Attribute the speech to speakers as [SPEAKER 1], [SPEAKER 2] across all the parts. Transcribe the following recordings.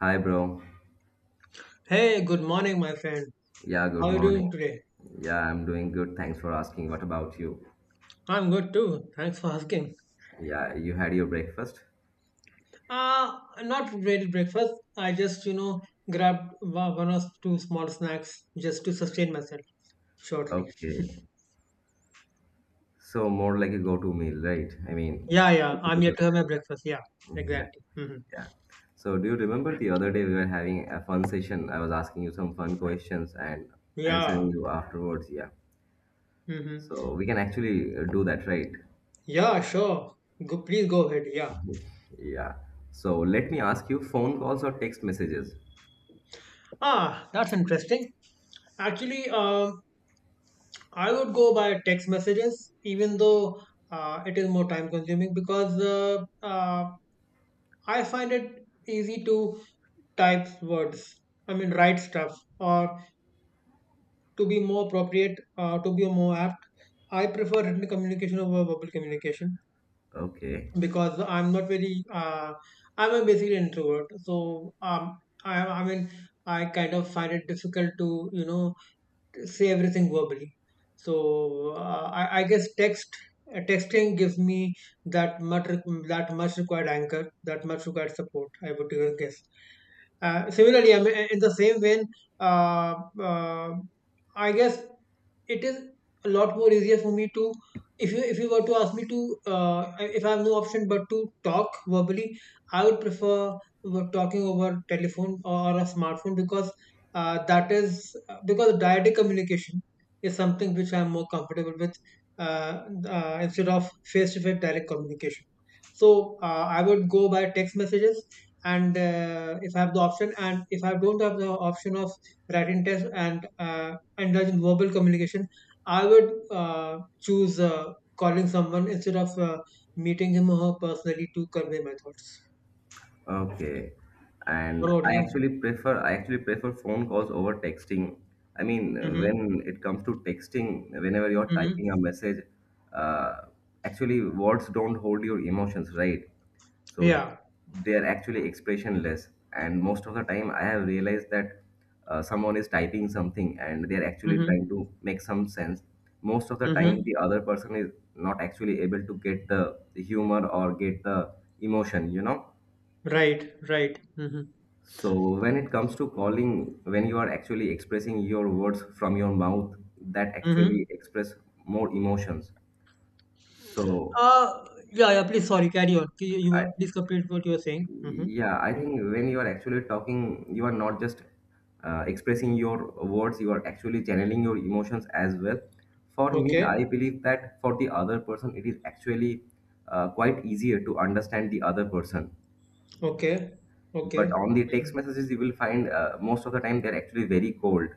[SPEAKER 1] Hi, bro.
[SPEAKER 2] Hey, good morning, my friend.
[SPEAKER 1] Yeah,
[SPEAKER 2] How
[SPEAKER 1] good
[SPEAKER 2] are you
[SPEAKER 1] morning.
[SPEAKER 2] doing today?
[SPEAKER 1] Yeah, I'm doing good. Thanks for asking. What about you?
[SPEAKER 2] I'm good too. Thanks for asking.
[SPEAKER 1] Yeah, you had your breakfast?
[SPEAKER 2] Not ready breakfast. I just grabbed one or two small snacks just to sustain myself shortly.
[SPEAKER 1] Okay. So, more like a go-to meal, right? I mean,
[SPEAKER 2] Yeah, yeah.
[SPEAKER 1] something
[SPEAKER 2] I'm
[SPEAKER 1] to
[SPEAKER 2] yet to have
[SPEAKER 1] sustain.
[SPEAKER 2] my breakfast.
[SPEAKER 1] Yeah.
[SPEAKER 2] Yeah,
[SPEAKER 1] Yeah.
[SPEAKER 2] exactly. Hmm.
[SPEAKER 1] Yeah. So, do you remember the other day we were having a fun session? I was asking you some fun questions and answering
[SPEAKER 2] Yeah.
[SPEAKER 1] you afterwards. Yeah.
[SPEAKER 2] Hmm.
[SPEAKER 1] So, we can actually do that, right?
[SPEAKER 2] Yeah, sure. Go, please go ahead. Yeah.
[SPEAKER 1] Yeah. So, let me ask you, phone calls or text messages?
[SPEAKER 2] Ah, that's interesting. Actually, I would go by text messages, even though it is more time consuming because I find it easy to type words. I mean, write stuff, or to be more appropriate, to be more apt. I prefer written communication over verbal communication
[SPEAKER 1] Okay.
[SPEAKER 2] because I'm not very I'm a basically introvert. So, I mean I kind of find it difficult to say everything verbally. So, I guess texting gives me that much that much required anchor, that much required support. I would even guess. Similarly, I mean, in the same vein, uh, uh, I guess it is a lot more easier for me to if you were to ask me to uh, if I have no option but to talk verbally, I would prefer talking over telephone or a smartphone because that is because direct communication is something which I'm more comfortable with uh, instead of face-to-face direct communication. So, I would go by text messages and if I have the option and if I don't have the option of writing text and indulge in verbal communication, I would choose calling someone instead of meeting him or her personally to convey my thoughts.
[SPEAKER 1] Okay.
[SPEAKER 2] What
[SPEAKER 1] And
[SPEAKER 2] about you?
[SPEAKER 1] I actually prefer phone calls over texting. I mean,
[SPEAKER 2] Mm-hmm.
[SPEAKER 1] when it comes to texting, whenever you're
[SPEAKER 2] Mm-hmm.
[SPEAKER 1] typing a message, uh, actually words don't hold your emotions, right? So
[SPEAKER 2] Yeah.
[SPEAKER 1] they are actually expressionless. And most of the time, I have realized that someone is typing something and they are actually
[SPEAKER 2] Mm-hmm.
[SPEAKER 1] trying to make some sense. Most of the time,
[SPEAKER 2] Mm-hmm.
[SPEAKER 1] the other person is not actually able to get the humor or get the emotion, you know?
[SPEAKER 2] Right. Right. Mm-hmm.
[SPEAKER 1] So when it comes to calling, when you are actually expressing your words from your mouth, that
[SPEAKER 2] Mm-hmm.
[SPEAKER 1] actually express more emotions. So
[SPEAKER 2] Uh, yeah, yeah. Please, sorry. Carry on. Can You, you
[SPEAKER 1] I,
[SPEAKER 2] were- please complete what you were saying. Mm-hmm.
[SPEAKER 1] yeah, I
[SPEAKER 2] Yeah.
[SPEAKER 1] think when you are actually talking, you are not just expressing your words, you are actually channeling your emotions as well. For me,
[SPEAKER 2] Okay.
[SPEAKER 1] I believe that for the other person, it is actually quite easier to understand the other person.
[SPEAKER 2] Okay.
[SPEAKER 1] But
[SPEAKER 2] Okay.
[SPEAKER 1] on the
[SPEAKER 2] Mm-hmm.
[SPEAKER 1] text messages you will find, most of the time they're actually very cold.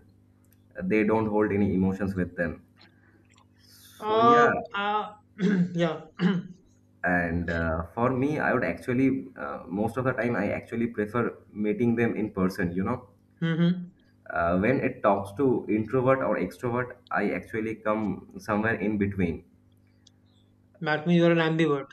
[SPEAKER 1] They don't hold any emotions with them, so yeah.
[SPEAKER 2] Uh, uh, yeah.
[SPEAKER 1] And for me, I would actually, most of the time, I actually prefer meeting them in person, you know.
[SPEAKER 2] Mm-hmm.
[SPEAKER 1] Uh, when it talks to introvert or extrovert, I actually come somewhere in between.
[SPEAKER 2] That means you're an ambivert.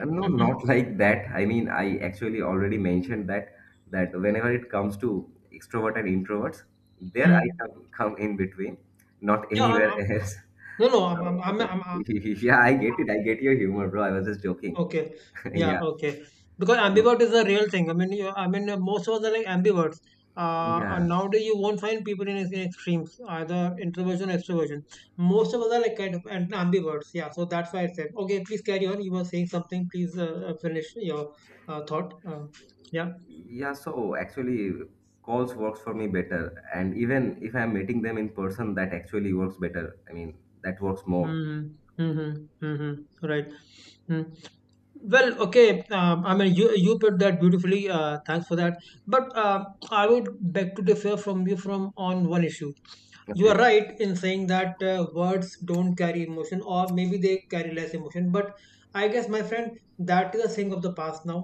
[SPEAKER 1] No, not like that. I mean, I actually already mentioned that, that whenever it comes to extrovert and introverts, there I
[SPEAKER 2] Mhm.
[SPEAKER 1] come, in between, not
[SPEAKER 2] Yeah, I'm,
[SPEAKER 1] anywhere
[SPEAKER 2] I'm,
[SPEAKER 1] else.
[SPEAKER 2] no, no, I'm, I'm,
[SPEAKER 1] So
[SPEAKER 2] I'm, I'm,
[SPEAKER 1] yeah, I get it. I get your humor, bro. I was just joking.
[SPEAKER 2] okay. Yeah.
[SPEAKER 1] Yeah.
[SPEAKER 2] Okay. Because
[SPEAKER 1] So
[SPEAKER 2] ambivert is a real thing. I mean, I mean, most of us are like ambiverts. And
[SPEAKER 1] yeah,
[SPEAKER 2] nowadays you won't find people in extremes, either introversion or extroversion. Most of us are like kind of ambiverts. Yeah. So that's why I said, okay, please carry on. You were saying something. Please finish your thought. Yeah.
[SPEAKER 1] yeah. So actually, calls works for me better, and even if I'm meeting them in person, that actually works better. I mean, that works more.
[SPEAKER 2] Mm-hmm. Mm-hmm. Mm-hmm. Right. Mm. Well, okay. I mean, you put that beautifully. Thanks for that. But I would beg to differ from you from on one issue. You are
[SPEAKER 1] Okay.
[SPEAKER 2] right in saying that words don't carry emotion or maybe they carry less emotion, but I guess, my friend, that is a thing of the past now.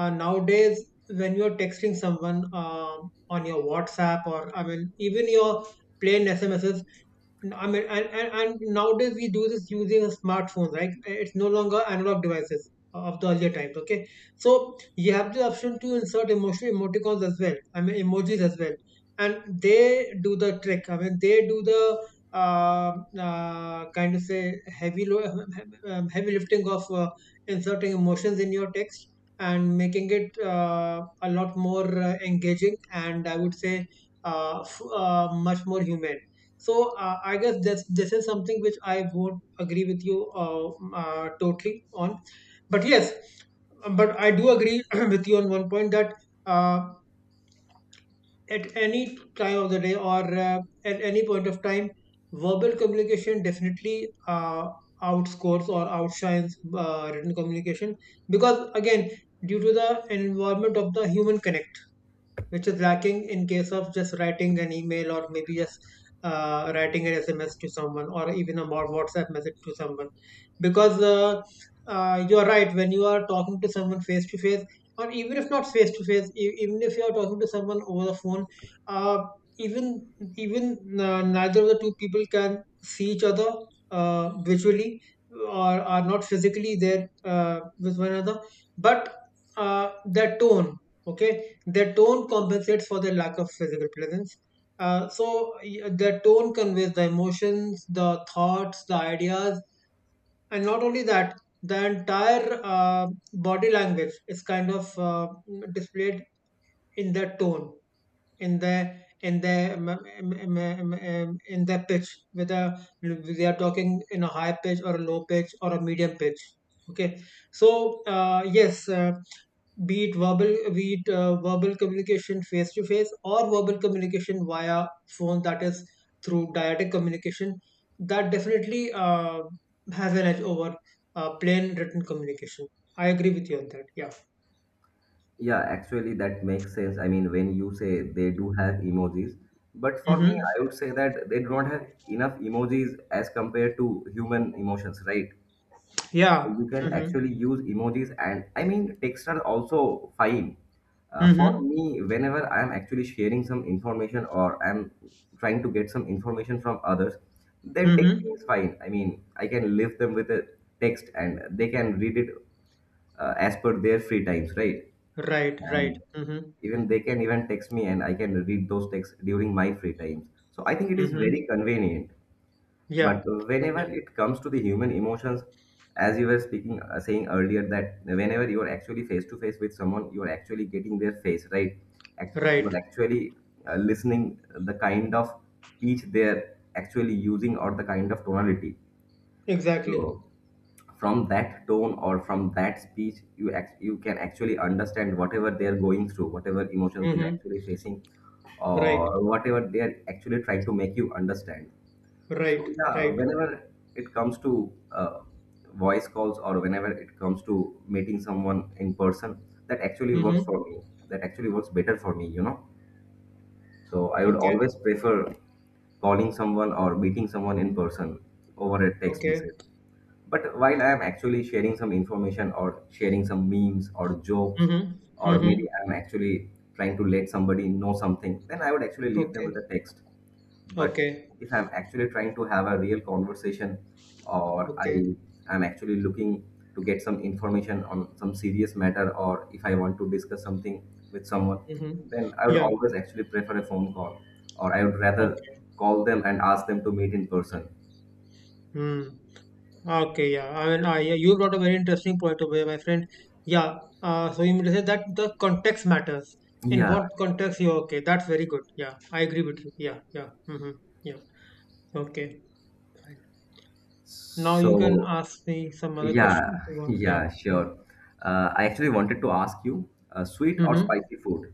[SPEAKER 2] Nowadays when you're texting someone on your WhatsApp, or I mean even your plain smss, I mean, and nowadays we do this using smartphones, right? It's no longer analog devices of the earlier times, okay? So you have the option to insert emotional emoticons as well, I mean, emojis as well. And they do the trick. I mean, they do the uh, kind of say heavy lifting of inserting emotions in your text and making it a lot more engaging, and I would say much more human. So, I guess this is something which I would agree with you totally on. But yes, but I do agree with you on one point that uh, at any time of the day, or at any point of time, verbal communication definitely outscores or outshines written communication, because again, due to the environment of the human connection, which is lacking in case of just writing an email or maybe just writing an SMS to someone or even a more WhatsApp message to someone. Because you are right, when you are talking to someone face to face, or even if not face to face, even if you are talking to someone over the phone, uh, even even neither of the two people can see each other visually, or are not physically there with one another, but their tone, okay, their tone compensates for their lack of physical presence. Their tone conveys the emotions, the thoughts, the ideas, and not only that, the entire body language is kind of displayed in their tone, in their in their pitch, whether they are talking in a high pitch or a low pitch or a medium pitch. Okay, so, yes. Be it verbal communication face to face, or verbal communication via phone, that is through dyadic communication, that definitely has an edge over plain written communication. I agree with you on that. Yeah.
[SPEAKER 1] Yeah, actually, that makes sense. I mean, when you say they do have emojis, but for me,
[SPEAKER 2] Mm-hmm.
[SPEAKER 1] I would say that they do not have enough emojis as compared to human emotions, right? So
[SPEAKER 2] Yeah.
[SPEAKER 1] you can
[SPEAKER 2] Mm-hmm.
[SPEAKER 1] actually use emojis, and I mean, text are also fine. For
[SPEAKER 2] Mm-hmm.
[SPEAKER 1] me, whenever I'm actually sharing some information or I'm trying to get some information from others, then texting is
[SPEAKER 2] Mm-hmm.
[SPEAKER 1] fine. I mean, I can leave them with a text and they can read it as per their free times, right?
[SPEAKER 2] Right, right.
[SPEAKER 1] And
[SPEAKER 2] Mm-hmm.
[SPEAKER 1] even they can even text me and I can read those texts during my free times. So I think it is
[SPEAKER 2] Mm-hmm.
[SPEAKER 1] very convenient. But
[SPEAKER 2] Yeah,
[SPEAKER 1] whenever
[SPEAKER 2] yeah.
[SPEAKER 1] it comes to the human emotions, as you were speaking, saying earlier, that whenever you are actually face to face with someone, you are actually getting their face, right? You are
[SPEAKER 2] Right.
[SPEAKER 1] actually listening the kind of pitch they are actually using, or the kind of tonality.
[SPEAKER 2] Exactly.
[SPEAKER 1] So from that tone or from that speech you act you can actually understand whatever they are going through, whatever emotions they are
[SPEAKER 2] Mm-hmm.
[SPEAKER 1] actually facing,
[SPEAKER 2] Right,
[SPEAKER 1] or whatever they are actually trying to make you understand.
[SPEAKER 2] right,
[SPEAKER 1] So yeah,
[SPEAKER 2] right.
[SPEAKER 1] whenever it comes to voice calls, or whenever it comes to meeting someone in person, that actually works
[SPEAKER 2] Mm-hmm.
[SPEAKER 1] for me, that actually works better for me, you know. So I would
[SPEAKER 2] Okay,
[SPEAKER 1] always prefer calling someone or meeting someone in person over a text
[SPEAKER 2] okay.
[SPEAKER 1] message. But while I am actually sharing some information or sharing some memes or jokes,
[SPEAKER 2] Mm-hmm.
[SPEAKER 1] or
[SPEAKER 2] Mm-hmm.
[SPEAKER 1] maybe I'm actually trying to let somebody know something, then I would actually leave them
[SPEAKER 2] Okay,
[SPEAKER 1] with a text. But
[SPEAKER 2] okay,
[SPEAKER 1] if I'm actually trying to have a real conversation, or I
[SPEAKER 2] okay.
[SPEAKER 1] am actually looking to get some information on some serious matter, or if I want to discuss something with someone,
[SPEAKER 2] Mm-hmm.
[SPEAKER 1] then I would
[SPEAKER 2] Yeah,
[SPEAKER 1] always actually prefer a phone call, or I would rather
[SPEAKER 2] okay.
[SPEAKER 1] call them and ask them to meet in person.
[SPEAKER 2] Mm. Okay, yeah. I mean, yeah, you brought a very interesting point over here, my friend. Yeah. So you mean to say that the context matters. In what
[SPEAKER 1] Yeah.
[SPEAKER 2] context you okay? That's very good. Yeah, I agree with you. Yeah, yeah. Mm-hmm. Yeah. Okay. Fine. Now you can
[SPEAKER 1] So
[SPEAKER 2] ask me some other questions
[SPEAKER 1] yeah,
[SPEAKER 2] about. Yeah.
[SPEAKER 1] yeah,
[SPEAKER 2] Mm-hmm.
[SPEAKER 1] sure. I actually wanted to ask you, sweet or
[SPEAKER 2] Mm-hmm.
[SPEAKER 1] spicy food?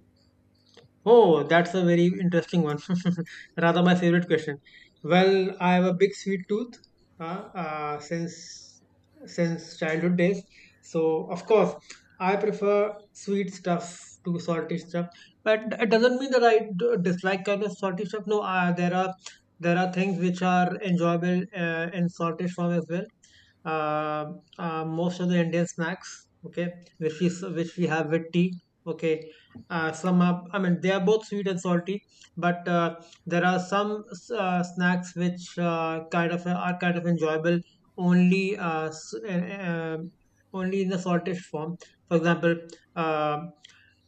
[SPEAKER 2] Oh, that's a very interesting one. Rather my favorite question. Well, I have a big sweet tooth uh, since childhood days. So of course, I prefer sweet stuff to salty stuff. But it doesn't mean that I dislike kind of salty stuff. No, there are things which are enjoyable in salty form as well. uh, Most of the Indian snacks, okay, which we have with tea, okay. Some are, I mean, they are both sweet and salty, but there are some snacks which are kind of enjoyable only uh, s- uh, uh, only in the saltish form. For example, uh,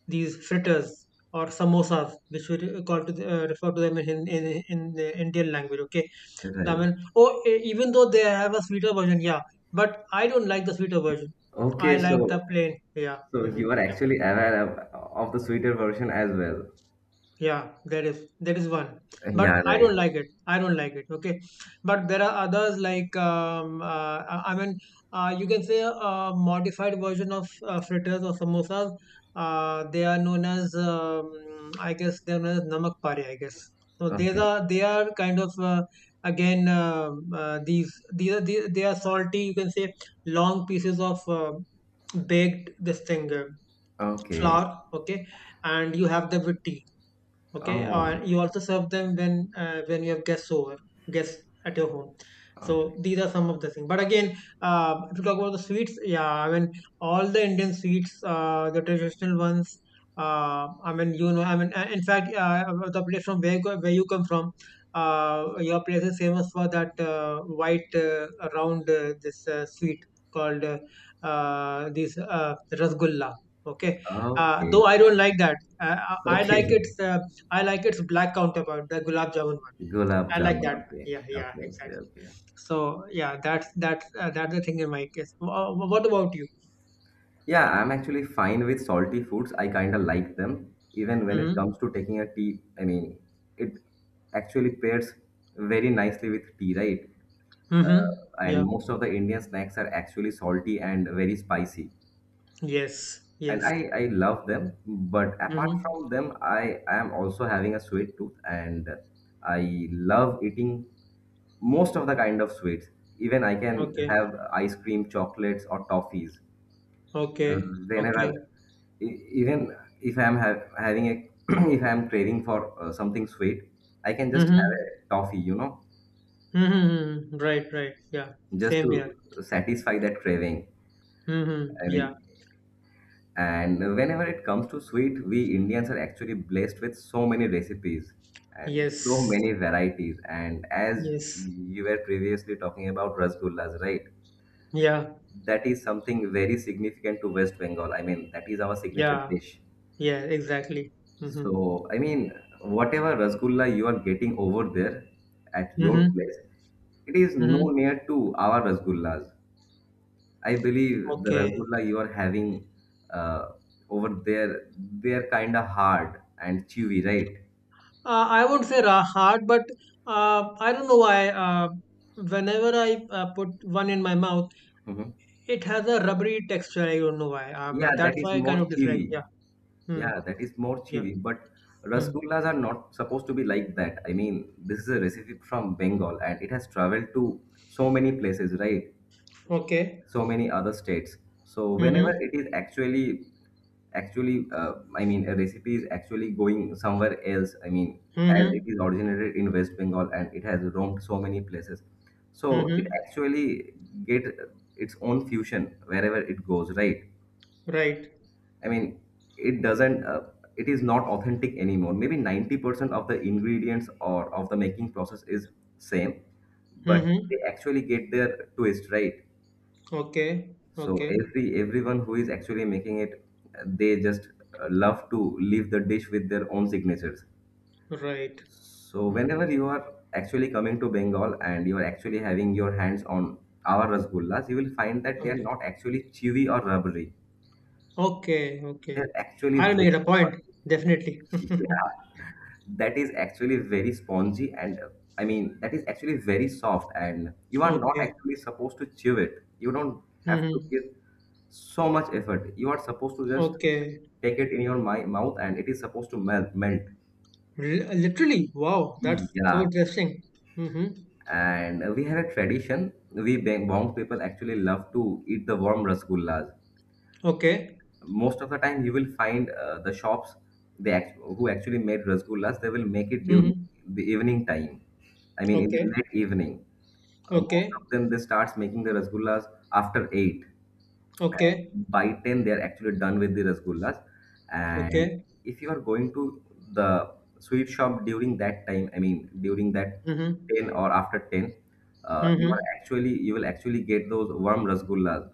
[SPEAKER 2] these fritters or samosas, which we call to the, refer to them in, the Indian language. Okay, I
[SPEAKER 1] Right.
[SPEAKER 2] mean, oh, even though they have a sweeter version, yeah, but I don't like the sweeter version. I
[SPEAKER 1] Okay,
[SPEAKER 2] like the
[SPEAKER 1] so
[SPEAKER 2] plain. Yeah. Hmm.
[SPEAKER 1] you are actually aware of the sweeter version as well.
[SPEAKER 2] Yeah, there is one, but
[SPEAKER 1] Yeah,
[SPEAKER 2] I
[SPEAKER 1] right.
[SPEAKER 2] don't like it. I don't like it. Okay, but there are others like I mean, you can say a modified version of fritters or samosas. They are known as namak pare. I guess so. These
[SPEAKER 1] Okay.
[SPEAKER 2] are they are kind of again these, they are salty. You can say long pieces of baked this thing
[SPEAKER 1] Okay.
[SPEAKER 2] flour. Okay, and you have them with tea, okay,
[SPEAKER 1] Oh,
[SPEAKER 2] and you also serve them when you have guests over, guests at your home. So
[SPEAKER 1] okay.
[SPEAKER 2] these are some of the things, but again if you talk about the sweets, yeah, I mean, all the Indian sweets, the traditional ones, I mean in fact, the place from where where you come from, uh, your place is famous for that white, round, this sweet called, this rasgulla, okay. Though
[SPEAKER 1] Okay.
[SPEAKER 2] I don't like that, uh, i I like
[SPEAKER 1] Okay.
[SPEAKER 2] it uh, I like its black counterpart, the gulab jamun one.
[SPEAKER 1] Gulab
[SPEAKER 2] I like
[SPEAKER 1] jamun.
[SPEAKER 2] that one.
[SPEAKER 1] Okay.
[SPEAKER 2] Yeah, yeah,
[SPEAKER 1] Okay. Okay.
[SPEAKER 2] exactly.
[SPEAKER 1] Okay.
[SPEAKER 2] So yeah, that's the thing in my case. What about you?
[SPEAKER 1] Yeah, I'm actually fine with salty foods. I kind of like them. Even when it
[SPEAKER 2] Mm-hmm.
[SPEAKER 1] comes to taking a tea, I mean, it actually pairs very nicely with tea, right?
[SPEAKER 2] Mm-hmm.
[SPEAKER 1] And
[SPEAKER 2] Yeah.
[SPEAKER 1] most of the Indian snacks are actually salty and very spicy.
[SPEAKER 2] Yes.
[SPEAKER 1] And
[SPEAKER 2] Yes.
[SPEAKER 1] I love them. But apart
[SPEAKER 2] Mm-hmm.
[SPEAKER 1] from them, I am also having a sweet tooth and I love eating most of the kind of sweets. Even I can
[SPEAKER 2] Okay.
[SPEAKER 1] have ice cream, chocolates, or toffees
[SPEAKER 2] Okay.
[SPEAKER 1] whenever,
[SPEAKER 2] Okay.
[SPEAKER 1] even if I'm ha- having a if I'm craving for something sweet, I can just have a
[SPEAKER 2] Mm-hmm.
[SPEAKER 1] toffee, you know,
[SPEAKER 2] Mm-hmm. Right. Right. Yeah.
[SPEAKER 1] just
[SPEAKER 2] Same
[SPEAKER 1] to
[SPEAKER 2] here.
[SPEAKER 1] satisfy that craving.
[SPEAKER 2] Mm-hmm.
[SPEAKER 1] I
[SPEAKER 2] Yeah.
[SPEAKER 1] mean, and whenever it comes to sweet, we Indians are actually blessed with so many recipes and so
[SPEAKER 2] Yes.
[SPEAKER 1] many varieties. And as
[SPEAKER 2] Yes.
[SPEAKER 1] you were previously talking about rasgullas, right,
[SPEAKER 2] Yeah.
[SPEAKER 1] that is something very significant to West Bengal. I mean, that is our signature
[SPEAKER 2] Yeah.
[SPEAKER 1] dish.
[SPEAKER 2] Yeah. Exactly. Mm-hmm.
[SPEAKER 1] So, I mean, whatever rasgulla you are getting over there at your
[SPEAKER 2] Mm-hmm.
[SPEAKER 1] place, it is no
[SPEAKER 2] Mm-hmm.
[SPEAKER 1] near to our rasgullas. I believe the
[SPEAKER 2] Okay.
[SPEAKER 1] rasgulla you are having uh, over there, they are kind of hard and chewy, right?
[SPEAKER 2] I won't say hard, but I don't know why. Whenever I put one in my mouth,
[SPEAKER 1] hmm
[SPEAKER 2] it has a rubbery texture. I don't know why.
[SPEAKER 1] Yeah, that
[SPEAKER 2] That's
[SPEAKER 1] is
[SPEAKER 2] why I
[SPEAKER 1] more
[SPEAKER 2] kind of dislike.
[SPEAKER 1] chewy.
[SPEAKER 2] Yeah. Hmm. Yeah.
[SPEAKER 1] But
[SPEAKER 2] Hmm.
[SPEAKER 1] rasgullas are not supposed to be like that. I mean, this is a recipe from Bengal and it has traveled to so many places, right?
[SPEAKER 2] Okay.
[SPEAKER 1] So many other states. So whenever
[SPEAKER 2] Mm-hmm.
[SPEAKER 1] it is actually, I mean, a recipe is actually going somewhere else, I mean, as it
[SPEAKER 2] Mm-hmm.
[SPEAKER 1] is originated in West Bengal and it has roamed so many places, so it
[SPEAKER 2] Mm-hmm.
[SPEAKER 1] actually get its own fusion wherever it goes, right?
[SPEAKER 2] Right.
[SPEAKER 1] I mean, it doesn't, it is not authentic anymore. Maybe 90% of the ingredients or of the making process is same, but they
[SPEAKER 2] Mm-hmm.
[SPEAKER 1] actually get their twist, right?
[SPEAKER 2] Okay.
[SPEAKER 1] So
[SPEAKER 2] Okay.
[SPEAKER 1] everyone who is actually making it, they just love to leave the dish with their own signatures.
[SPEAKER 2] Right.
[SPEAKER 1] So
[SPEAKER 2] Mm.
[SPEAKER 1] whenever you are actually coming to Bengal and you are actually having your hands on our rasgullas, you will find that they are not actually chewy or rubbery.
[SPEAKER 2] Okay.
[SPEAKER 1] They
[SPEAKER 2] Okay.
[SPEAKER 1] are actually
[SPEAKER 2] I'll make it a
[SPEAKER 1] very
[SPEAKER 2] point. Definitely.
[SPEAKER 1] spongy. Yeah, that is actually very spongy. And I mean, that is actually very soft, and you are not
[SPEAKER 2] Okay.
[SPEAKER 1] actually supposed to chew it. You don't have to
[SPEAKER 2] Mm-hmm.
[SPEAKER 1] give so much effort. You are supposed to just
[SPEAKER 2] Okay.
[SPEAKER 1] take it in your my mouth, and it is supposed to melt.
[SPEAKER 2] Re- literally, wow, that's so
[SPEAKER 1] Yeah,
[SPEAKER 2] interesting. Mm-hmm.
[SPEAKER 1] and we have a tradition. We Bong people actually love to eat the warm rasgullas.
[SPEAKER 2] Okay.
[SPEAKER 1] Most of the time you will find, the shops, who actually made rasgullas, they will make it during
[SPEAKER 2] Mm-hmm.
[SPEAKER 1] the evening time. I mean, in the
[SPEAKER 2] Okay.
[SPEAKER 1] late evening. Most of
[SPEAKER 2] Okay.
[SPEAKER 1] them, they starts making the rasgullas after 8.
[SPEAKER 2] Okay.
[SPEAKER 1] By 10 they are actually done with the rasgullas. And
[SPEAKER 2] Okay.
[SPEAKER 1] if you are going to the sweet shop during that time, I mean, during that
[SPEAKER 2] Mm-hmm.
[SPEAKER 1] 10 or after 10, you are
[SPEAKER 2] Mm-hmm.
[SPEAKER 1] actually, you will actually get those warm rasgullas,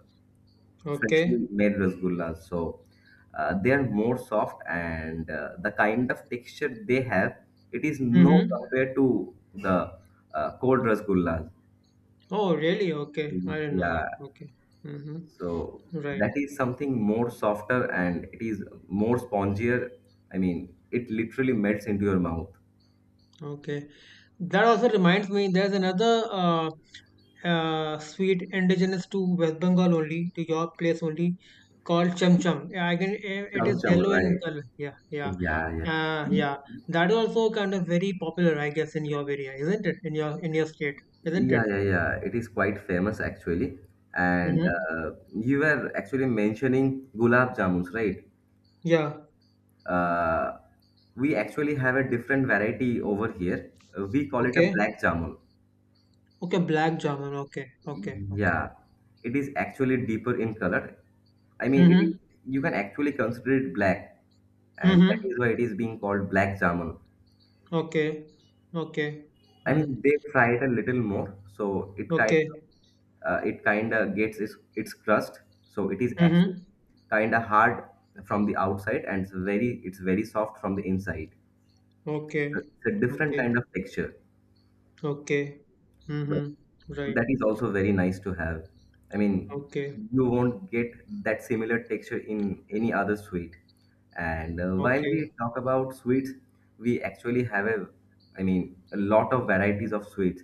[SPEAKER 1] freshly
[SPEAKER 2] Okay.
[SPEAKER 1] made rasgullas. So they are more soft, and the kind of texture they have, it is no
[SPEAKER 2] Mm-hmm.
[SPEAKER 1] compared to the cold rasgullas.
[SPEAKER 2] Oh, really? Okay. I didn't know that.
[SPEAKER 1] Yeah.
[SPEAKER 2] Okay. Mm-hmm.
[SPEAKER 1] So
[SPEAKER 2] Right.
[SPEAKER 1] that is something more softer and it is more spongier. I mean, it literally melts into your mouth.
[SPEAKER 2] Okay. That also reminds me, there's another sweet indigenous to West Bengal only, to your place only, called cham cham. Yeah, it
[SPEAKER 1] Chum
[SPEAKER 2] is
[SPEAKER 1] chum,
[SPEAKER 2] yellow
[SPEAKER 1] right?
[SPEAKER 2] in color. Yeah, yeah.
[SPEAKER 1] Yeah,
[SPEAKER 2] Yeah. That is also kind of very popular, I guess, in your area, isn't it? In your state, isn't it?
[SPEAKER 1] yeah. It is quite famous actually. And
[SPEAKER 2] Mm-hmm.
[SPEAKER 1] you were actually mentioning gulab jamuns, right?
[SPEAKER 2] Yeah.
[SPEAKER 1] Uh, we actually have a different variety over here. We call it a
[SPEAKER 2] Okay.
[SPEAKER 1] black jamun.
[SPEAKER 2] Okay, black jamun. Okay. Okay. Okay.
[SPEAKER 1] Yeah, it is actually deeper in color. I mean, it is
[SPEAKER 2] Mm-hmm.
[SPEAKER 1] you can actually consider it black, and that
[SPEAKER 2] Mm-hmm.
[SPEAKER 1] is why it is being called black jamun.
[SPEAKER 2] Okay. Okay.
[SPEAKER 1] I
[SPEAKER 2] Mm.
[SPEAKER 1] mean, they fry it a little more, so
[SPEAKER 2] Okay.
[SPEAKER 1] it kind of gets its crust. So it is actually
[SPEAKER 2] Mm-hmm.
[SPEAKER 1] kind of hard from the outside, and it's very soft from the inside.
[SPEAKER 2] Okay.
[SPEAKER 1] It's a different
[SPEAKER 2] Okay.
[SPEAKER 1] kind of texture.
[SPEAKER 2] Okay. Mm-hmm. Right.
[SPEAKER 1] That is also very nice to have. I mean,
[SPEAKER 2] Okay.
[SPEAKER 1] you won't get that similar texture in any other sweet. And while
[SPEAKER 2] Okay.
[SPEAKER 1] we talk about sweets, we actually have a, I mean, a lot of varieties of sweets.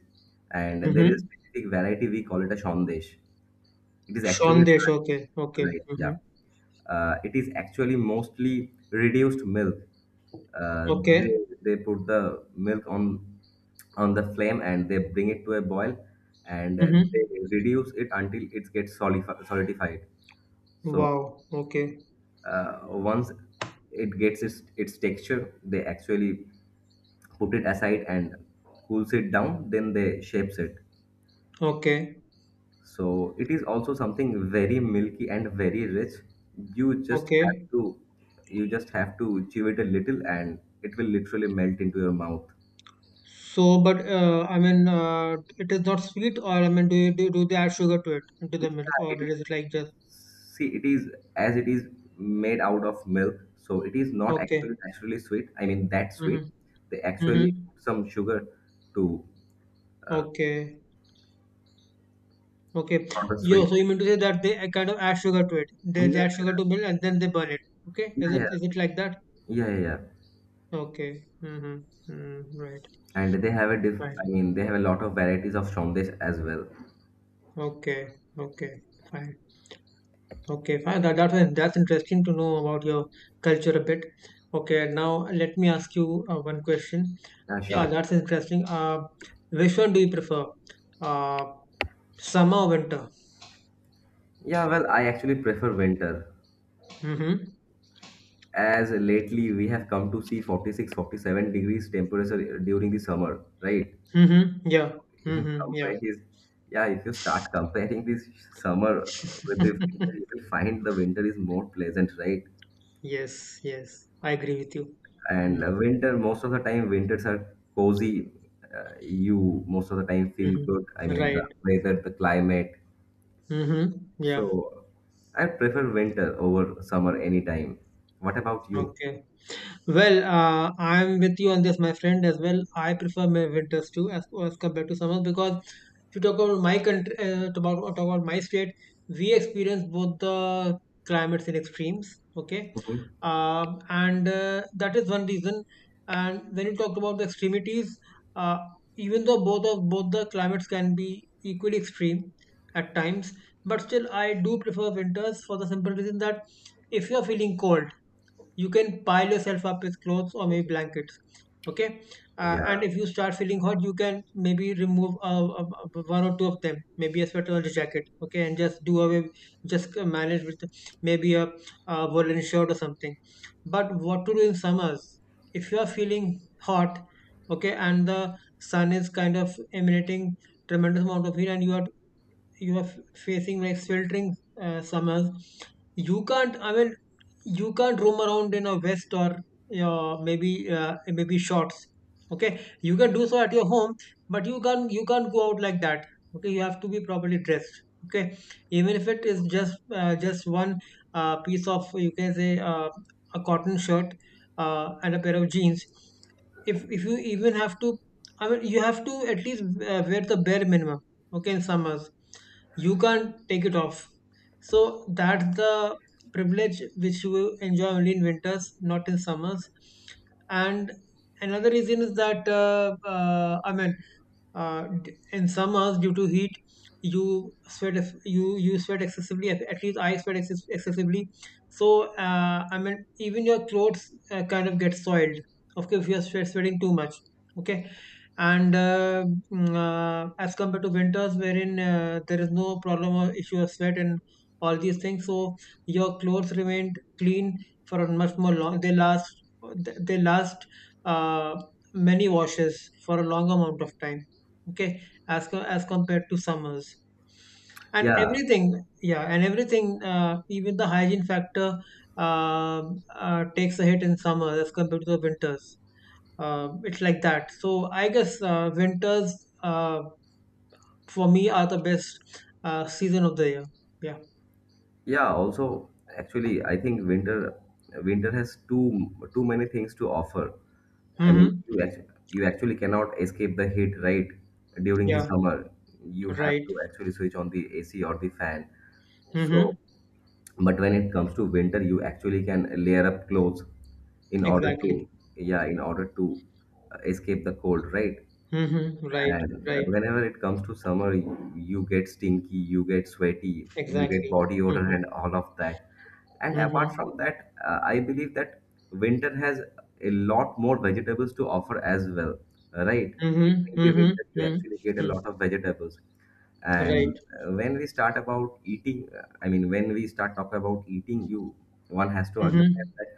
[SPEAKER 1] And there is a
[SPEAKER 2] Mm-hmm.
[SPEAKER 1] specific variety we call it a shondesh. It is actually a
[SPEAKER 2] Sandesh.
[SPEAKER 1] dry,
[SPEAKER 2] Okay. Okay.
[SPEAKER 1] right?
[SPEAKER 2] Mm-hmm.
[SPEAKER 1] Yeah, it is actually mostly reduced milk. Uh, they
[SPEAKER 2] Okay.
[SPEAKER 1] they put the milk on the flame and they bring it to a boil and they
[SPEAKER 2] Mm-hmm.
[SPEAKER 1] reduce it until it gets solidified. So
[SPEAKER 2] Wow. Okay.
[SPEAKER 1] once it gets its texture, they actually put it aside and cools it down. Then they shapes it.
[SPEAKER 2] Okay.
[SPEAKER 1] So it is also something very milky and very rich. You just have
[SPEAKER 2] Okay.
[SPEAKER 1] to you just have to chew it a little and it will literally melt into your mouth.
[SPEAKER 2] So, but I mean, it is not sweet, or I mean, do they add sugar to it, to the
[SPEAKER 1] Yeah,
[SPEAKER 2] milk, or
[SPEAKER 1] it is,
[SPEAKER 2] is it like just
[SPEAKER 1] see it is, as it is made out of milk, so it is not
[SPEAKER 2] okay?
[SPEAKER 1] actually naturally sweet. I mean that sweet.
[SPEAKER 2] Mm-hmm.
[SPEAKER 1] They actually
[SPEAKER 2] Mm-hmm.
[SPEAKER 1] put some sugar to uh,
[SPEAKER 2] Okay. Okay.
[SPEAKER 1] sort of
[SPEAKER 2] Yo,
[SPEAKER 1] sweet.
[SPEAKER 2] so you mean to say that they kind of add sugar to it? They add
[SPEAKER 1] Yeah,
[SPEAKER 2] sugar to milk and then they burn it. Okay. Is it
[SPEAKER 1] yeah,
[SPEAKER 2] is it like that?
[SPEAKER 1] yeah, yeah, yeah.
[SPEAKER 2] Okay. Mm-hmm. Mm, right.
[SPEAKER 1] And they have a diff.
[SPEAKER 2] Right.
[SPEAKER 1] I mean, they have a lot of varieties of shondesh as well.
[SPEAKER 2] Okay. Okay. Fine. Okay. Fine. That was, that's interesting to know about your culture a bit. Okay. Now let me ask you one question.
[SPEAKER 1] Yeah,
[SPEAKER 2] Yeah,
[SPEAKER 1] sure.
[SPEAKER 2] that's interesting. Which one do you prefer? Uh, summer or winter?
[SPEAKER 1] Yeah, well, I actually prefer winter,
[SPEAKER 2] Mm-hmm.
[SPEAKER 1] as lately we have come to see 46 47 degrees temperature during the summer, right?
[SPEAKER 2] Mm-hmm. Yeah.
[SPEAKER 1] In
[SPEAKER 2] Mm-hmm. Yeah.
[SPEAKER 1] comparison, yeah, if you start comparing this summer with the winter, you will find the winter is more pleasant, right?
[SPEAKER 2] Yes. Yes. I agree with you.
[SPEAKER 1] And winter, most of the time winters are cozy. You most of the time feel
[SPEAKER 2] Mm-hmm.
[SPEAKER 1] good. I mean, the
[SPEAKER 2] Right.
[SPEAKER 1] weather, the climate.
[SPEAKER 2] Mm-hmm.
[SPEAKER 1] So
[SPEAKER 2] Yeah.
[SPEAKER 1] I prefer winter over summer anytime. What about you?
[SPEAKER 2] Okay. Well, I'm with you on this, my friend, as well. I prefer my winters too, as compared to summers, because if you talk about my country, talk about my state, we experience both the climates in extremes. Okay,
[SPEAKER 1] Mhm.
[SPEAKER 2] and that is one reason. And when you talk about the extremities, uh, even though both the climates can be equally extreme, at times, but still I do prefer winters for the simple reason that if you're feeling cold, you can pile yourself up with clothes or maybe blankets. Okay. And
[SPEAKER 1] Yeah,
[SPEAKER 2] if you start feeling hot, you can maybe remove one or two of them, maybe a sweater or a jacket. Okay, and just do away, just manage with maybe a, woolen shirt or something. But what to do in summers if you are feeling hot? Okay. And the sun is kind of emanating tremendous amount of heat, and facing like sweltering summers. You can't, I mean, you can't roam around in a vest or maybe shorts. Okay, you can do so at your home, but you can't go out like that. Okay, you have to be properly dressed. Okay, even if it is just one piece of, you can say, a cotton shirt and a pair of jeans. If you even have to, I mean, you have to at least wear the bare minimum. Okay, in summers you can't take it off. So that's the privilege which you enjoy only in winters, not in summers. And another reason is that I mean, in some hours due to heat you sweat, you sweat excessively. At least I sweat excessively. So I mean, even your clothes kind of get soiled. Okay, if you're sweating too much. Okay. And as compared to winters, wherein there is no problem or issue of sweat and all these things, so your clothes remain clean for a much more long, they last, they last uh, many washes for a long amount of time. Okay, as compared to summers, and
[SPEAKER 1] yeah,
[SPEAKER 2] everything. Yeah, and everything, even the hygiene factor, um takes a hit in summer as compared to the winters. It's like that. So I guess, winters, uh, for me, are the best season of the year. Yeah.
[SPEAKER 1] yeah, also, actually I think winter, winter has too many things to offer. I mean,
[SPEAKER 2] Mm-hmm.
[SPEAKER 1] you actually cannot escape the heat, right? During the
[SPEAKER 2] Yeah.
[SPEAKER 1] summer you have
[SPEAKER 2] Right.
[SPEAKER 1] to actually switch on the AC or the fan.
[SPEAKER 2] Mm-hmm.
[SPEAKER 1] So but when it comes to winter you actually can layer up clothes in order
[SPEAKER 2] Exactly.
[SPEAKER 1] to, yeah, in order to escape the cold, right?
[SPEAKER 2] Mm-hmm. Right.
[SPEAKER 1] And
[SPEAKER 2] Right.
[SPEAKER 1] whenever it comes to summer, you get stinky, you get sweaty, you get
[SPEAKER 2] Exactly.
[SPEAKER 1] body odor,
[SPEAKER 2] Mm-hmm.
[SPEAKER 1] and all of that. And apart
[SPEAKER 2] Mm-hmm.
[SPEAKER 1] from that, I believe that winter has a lot more vegetables to offer as well, right?
[SPEAKER 2] Mm-hmm. Mm-hmm.
[SPEAKER 1] During the winter,
[SPEAKER 2] Mm-hmm.
[SPEAKER 1] you
[SPEAKER 2] Mm-hmm.
[SPEAKER 1] actually get a lot of vegetables.
[SPEAKER 2] Right.
[SPEAKER 1] And when we start about eating, I mean, when we start talking about eating, you one has to understand
[SPEAKER 2] Mm-hmm.
[SPEAKER 1] that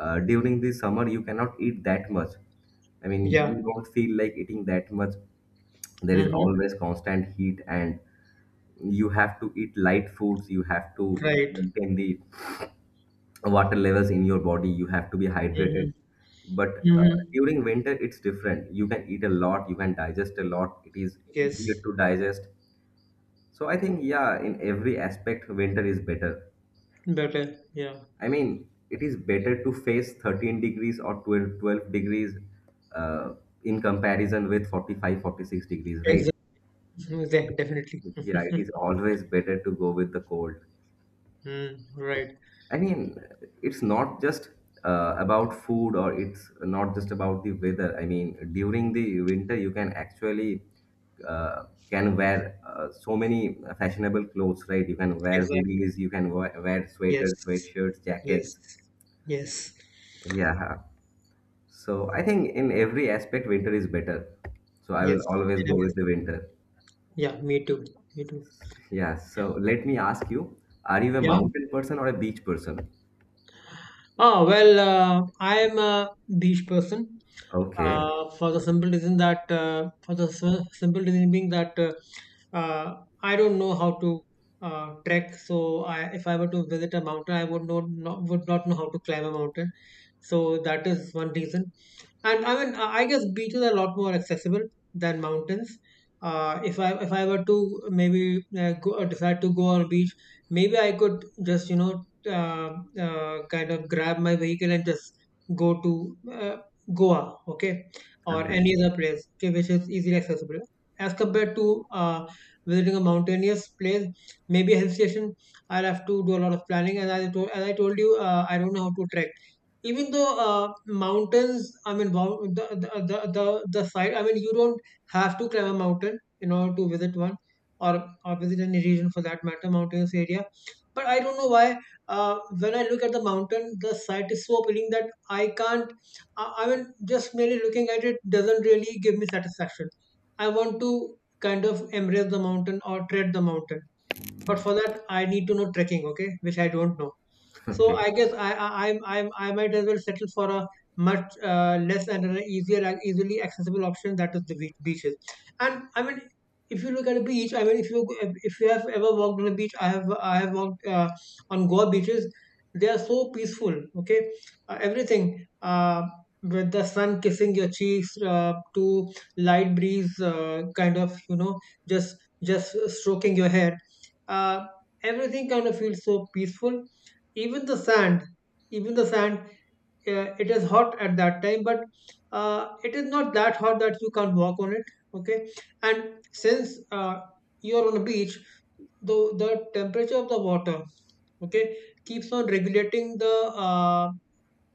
[SPEAKER 1] during the summer you cannot eat that much. I mean,
[SPEAKER 2] Yeah.
[SPEAKER 1] you don't feel like eating that much. There is
[SPEAKER 2] Mhm.
[SPEAKER 1] always constant heat, and you have to eat light foods. You have to
[SPEAKER 2] Right.
[SPEAKER 1] maintain the water levels in your body. You have to be hydrated.
[SPEAKER 2] Mhm.
[SPEAKER 1] But
[SPEAKER 2] Mhm.
[SPEAKER 1] during winter, it's different. You can eat a lot. You can digest a lot. It is
[SPEAKER 2] Yes.
[SPEAKER 1] easier to digest. So I think, yeah, in every aspect, winter is better.
[SPEAKER 2] Better. Yeah.
[SPEAKER 1] I mean, it is better to face 13 degrees or 12 12 degrees uh, in comparison with 45, 46 degrees, right?
[SPEAKER 2] Exactly. Definitely.
[SPEAKER 1] Yeah, it is always better to go with the cold.
[SPEAKER 2] Mm, right.
[SPEAKER 1] I mean, it's not just about food, or it's not just about the weather. I mean, during the winter, you can actually uh, can wear so many fashionable clothes, right? You can wear
[SPEAKER 2] Exactly.
[SPEAKER 1] hoodies, you can wear
[SPEAKER 2] Yes.
[SPEAKER 1] sweaters, sweatshirts,
[SPEAKER 2] Yes.
[SPEAKER 1] jackets.
[SPEAKER 2] Yes.
[SPEAKER 1] Yeah. So I think in every aspect, winter is better. So I will
[SPEAKER 2] Yes.
[SPEAKER 1] always
[SPEAKER 2] And
[SPEAKER 1] go
[SPEAKER 2] I guess-
[SPEAKER 1] with the winter.
[SPEAKER 2] Yeah. Me too. Me too.
[SPEAKER 1] Yeah.
[SPEAKER 2] Yeah.
[SPEAKER 1] So let me ask you, are you a
[SPEAKER 2] Yeah.
[SPEAKER 1] mountain person or a beach person?
[SPEAKER 2] Ah. Well. I am a beach person.
[SPEAKER 1] Okay.
[SPEAKER 2] For the simple reason that simple reason being that uh, I don't know how to trek. So I, if I were to visit a mountain, I would not would not know how to climb a mountain. So that is one reason. And I mean, I guess beaches are a lot more accessible than mountains. If I were to maybe go decide to go on a beach, maybe I could just, you know, uh, kind of grab my vehicle and just go to uh, Goa, okay, or
[SPEAKER 1] Okay.
[SPEAKER 2] any other place, okay, which is easily accessible as compared to visiting a mountainous place, maybe a hill station. I'll have to do a lot of planning, and as I told you, I don't know how to trek. Even though mountains, I mean, wow, the side, I mean, you don't have to climb a mountain in order to visit one, or or visit any region for that matter, mountainous area. But I don't know why, uh, when I look at the mountain, the sight is so appealing that I can't, I mean, just merely looking at it doesn't really give me satisfaction. I want to kind of embrace the mountain or tread the mountain. But for that I need to know trekking, okay, which I don't know. So
[SPEAKER 1] Okay.
[SPEAKER 2] I guess I'm I might as well settle for a much less, and an easier and easily accessible option, that is the beach, beaches. And I mean, if you look at a beach, I mean, if you have ever walked on a beach, I have walked on Goa beaches. They are so peaceful. Okay, everything. With the sun kissing your cheeks to light breeze kind of, you know, just just stroking your hair, uh, everything kind of feels so peaceful. Even the sand, even the sand, it is hot at that time, but it is not that hot that you can't walk on it. Okay. And since you are on a beach, the the temperature of the water, okay, keeps on regulating the uh,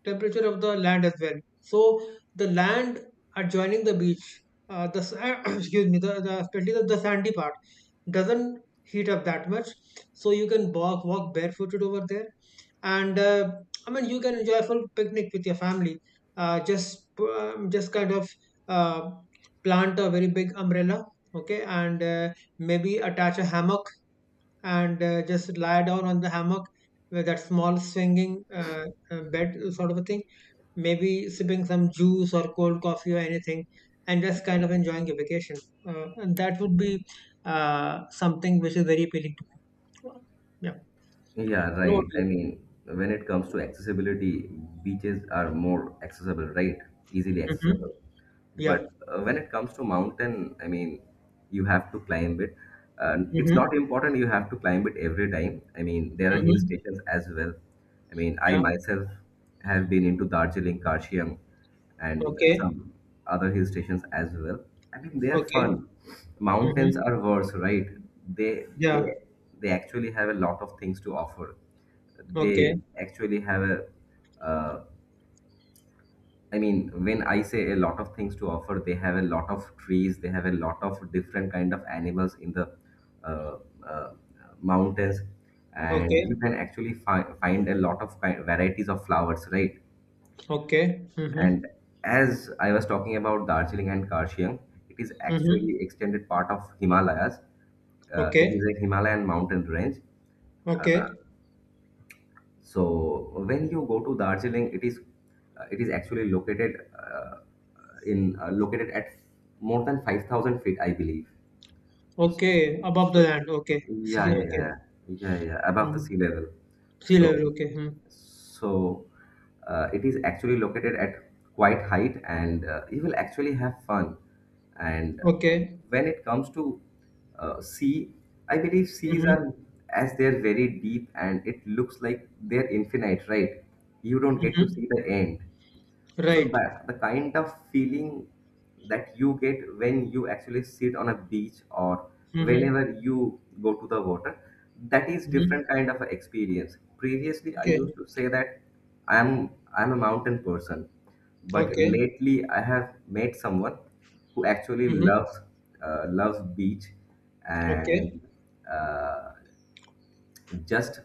[SPEAKER 2] temperature of the land as well. So the land adjoining the beach, the excuse me, the, especially the sandy part, doesn't heat up that much. So you can walk barefooted over there. And I mean, you can enjoy a full picnic with your family. Just just kind of uh, plant a very big umbrella, okay, and maybe attach a hammock. And just lie down on the hammock with that small swinging bed sort of a thing, maybe sipping some juice or cold coffee or anything, and just kind of enjoying your vacation. And that would be something which is very appealing to. Yeah.
[SPEAKER 1] Yeah,
[SPEAKER 2] What about
[SPEAKER 1] right. I
[SPEAKER 2] you?
[SPEAKER 1] mean, when it comes to accessibility, beaches are more accessible, right? Easily
[SPEAKER 2] Mm-hmm.
[SPEAKER 1] accessible. But
[SPEAKER 2] Yeah.
[SPEAKER 1] when it comes to mountain, I mean, you have to climb it, and it's not
[SPEAKER 2] Mm-hmm.
[SPEAKER 1] important you have to climb it every time. I mean, there are hill
[SPEAKER 2] Mm-hmm.
[SPEAKER 1] stations as well. I mean, I
[SPEAKER 2] Yeah.
[SPEAKER 1] myself have been into Darjeeling, Karshiang, and
[SPEAKER 2] Okay.
[SPEAKER 1] some other hill stations as well. I mean, they are fun.
[SPEAKER 2] Okay.
[SPEAKER 1] Mountains
[SPEAKER 2] Mm-hmm.
[SPEAKER 1] are worse, right? They
[SPEAKER 2] Yeah.
[SPEAKER 1] they actually have a lot of things to offer.
[SPEAKER 2] Okay.
[SPEAKER 1] They actually have a uh, I mean, when I say a lot of things to offer, they have a lot of trees, they have a lot of different kind of animals in the uh, uh, mountains, and
[SPEAKER 2] Okay.
[SPEAKER 1] you can actually find a lot of varieties of flowers, right?
[SPEAKER 2] Okay. Mm-hmm.
[SPEAKER 1] And as I was talking about Darjeeling and Karshiang, it is
[SPEAKER 2] Mm-hmm.
[SPEAKER 1] actually extended part of Himalayas. It
[SPEAKER 2] Okay.
[SPEAKER 1] is a Himalayan mountain range.
[SPEAKER 2] Okay.
[SPEAKER 1] So when you go to Darjeeling, it is it is actually located in located at more than 5,000 feet, I believe.
[SPEAKER 2] Okay. Above the
[SPEAKER 1] So
[SPEAKER 2] land. Okay.
[SPEAKER 1] yeah,
[SPEAKER 2] See.
[SPEAKER 1] yeah,
[SPEAKER 2] Okay.
[SPEAKER 1] yeah, yeah, yeah, above the
[SPEAKER 2] Mm.
[SPEAKER 1] sea level.
[SPEAKER 2] Sea
[SPEAKER 1] So
[SPEAKER 2] level. Okay. Mm.
[SPEAKER 1] so it is actually located at quite height, and you will actually have fun. And
[SPEAKER 2] Okay.
[SPEAKER 1] when it comes to sea, I believe seas
[SPEAKER 2] Mm-hmm.
[SPEAKER 1] are, as they're very deep and it looks like they're infinite, right? You don't get to
[SPEAKER 2] Mm-hmm.
[SPEAKER 1] see the end. So
[SPEAKER 2] Right.
[SPEAKER 1] that, the kind of feeling that you get when you actually sit on a beach or
[SPEAKER 2] Mm-hmm.
[SPEAKER 1] whenever you go to the water, that is
[SPEAKER 2] Mm-hmm.
[SPEAKER 1] different kind of experience. Previously, I
[SPEAKER 2] Okay.
[SPEAKER 1] used to say that I'm I'm a mountain person, but
[SPEAKER 2] Okay.
[SPEAKER 1] lately I have met someone who actually
[SPEAKER 2] Mhm.
[SPEAKER 1] loves loves beach,
[SPEAKER 2] Okay.
[SPEAKER 1] and uh, just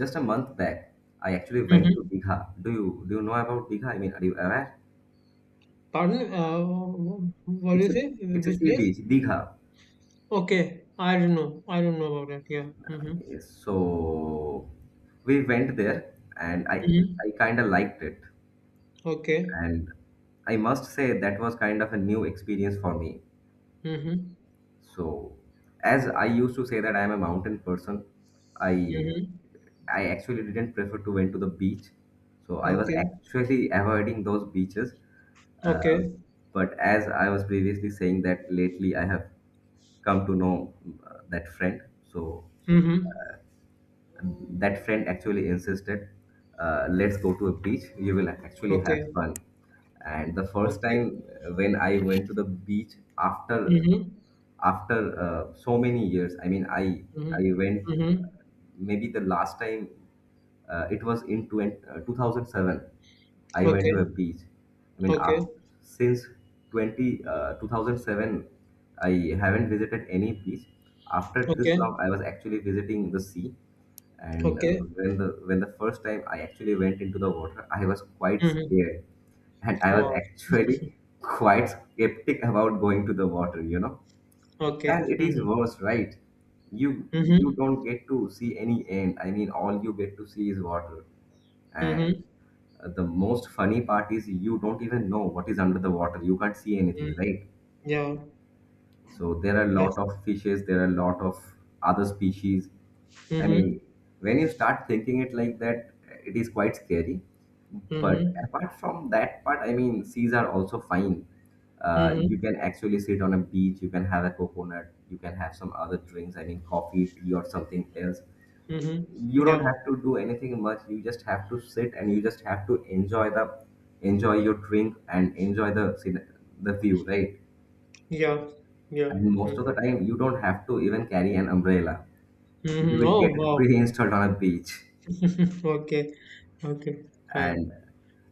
[SPEAKER 1] just a month back I actually went to
[SPEAKER 2] Mhm.
[SPEAKER 1] Digha. Do you know about Digha? I mean, are you aware?
[SPEAKER 2] Pardon? What do
[SPEAKER 1] It's
[SPEAKER 2] you
[SPEAKER 1] a,
[SPEAKER 2] say?
[SPEAKER 1] it's a
[SPEAKER 2] Which
[SPEAKER 1] sea
[SPEAKER 2] place?
[SPEAKER 1] beach, Digha.
[SPEAKER 2] Okay. I don't know. I don't know about that. Yeah. Mm-hmm.
[SPEAKER 1] So we went there, and I
[SPEAKER 2] Mm-hmm.
[SPEAKER 1] I kind of liked it,
[SPEAKER 2] Okay.
[SPEAKER 1] and I must say that was kind of a new experience for me.
[SPEAKER 2] Mm-hmm.
[SPEAKER 1] So as I used to say that I am a mountain person, I
[SPEAKER 2] Mm-hmm.
[SPEAKER 1] I actually didn't prefer to went to the beach. So I was
[SPEAKER 2] Okay.
[SPEAKER 1] actually avoiding those beaches. Uh,
[SPEAKER 2] Okay.
[SPEAKER 1] but as I was previously saying that lately I have come to know that friend. So,
[SPEAKER 2] Mm-hmm.
[SPEAKER 1] and that friend actually insisted, let's go to a beach, you will actually have
[SPEAKER 2] Okay.
[SPEAKER 1] fun. And the first
[SPEAKER 2] Okay.
[SPEAKER 1] time when I went to the beach after,
[SPEAKER 2] Mm-hmm.
[SPEAKER 1] after so many years, I mean, I
[SPEAKER 2] Mm-hmm.
[SPEAKER 1] I went,
[SPEAKER 2] Mm-hmm.
[SPEAKER 1] uh, maybe the last time it was in 2007 I went
[SPEAKER 2] Okay.
[SPEAKER 1] to a beach. I mean,
[SPEAKER 2] Okay.
[SPEAKER 1] after, since 2007, I haven't visited any beach. After this
[SPEAKER 2] Okay.
[SPEAKER 1] long, I was actually visiting the sea. And
[SPEAKER 2] Okay.
[SPEAKER 1] when the, when the first time I actually went into the water, I was quite
[SPEAKER 2] Mm-hmm.
[SPEAKER 1] scared, and I was
[SPEAKER 2] Wow.
[SPEAKER 1] actually quite skeptic about going to the water, And
[SPEAKER 2] Okay.
[SPEAKER 1] it is
[SPEAKER 2] Mm-hmm.
[SPEAKER 1] worse, right? You you
[SPEAKER 2] Mm-hmm.
[SPEAKER 1] don't get to see any end. I mean, all you get to see is water. And
[SPEAKER 2] Mm-hmm.
[SPEAKER 1] the most funny part is you don't even know what is under the water. You can't see
[SPEAKER 2] Mm-hmm.
[SPEAKER 1] anything, right?
[SPEAKER 2] Yeah.
[SPEAKER 1] So there are a
[SPEAKER 2] Yes.
[SPEAKER 1] lot of fishes, there are a lot of other species. I
[SPEAKER 2] Mm-hmm.
[SPEAKER 1] mean, when you start thinking it like that, it is quite scary. But
[SPEAKER 2] Mm-hmm.
[SPEAKER 1] apart from that part, I mean, seas are also fine.
[SPEAKER 2] Mm-hmm.
[SPEAKER 1] You can actually sit on a beach, you can have a coconut, you can have some other drinks, I mean, coffee, tea, or something else.
[SPEAKER 2] Mm-hmm.
[SPEAKER 1] You don't
[SPEAKER 2] Yeah.
[SPEAKER 1] have to do anything much. You just have to sit and you just have to enjoy the, enjoy your drink and enjoy the the view, right?
[SPEAKER 2] Yeah, yeah.
[SPEAKER 1] And most of the
[SPEAKER 2] Mm-hmm.
[SPEAKER 1] time, you don't have to even carry an umbrella. You
[SPEAKER 2] Hmm.
[SPEAKER 1] will get
[SPEAKER 2] Oh,
[SPEAKER 1] it
[SPEAKER 2] wow.
[SPEAKER 1] pre-installed on a beach.
[SPEAKER 2] Okay, okay, fine.
[SPEAKER 1] And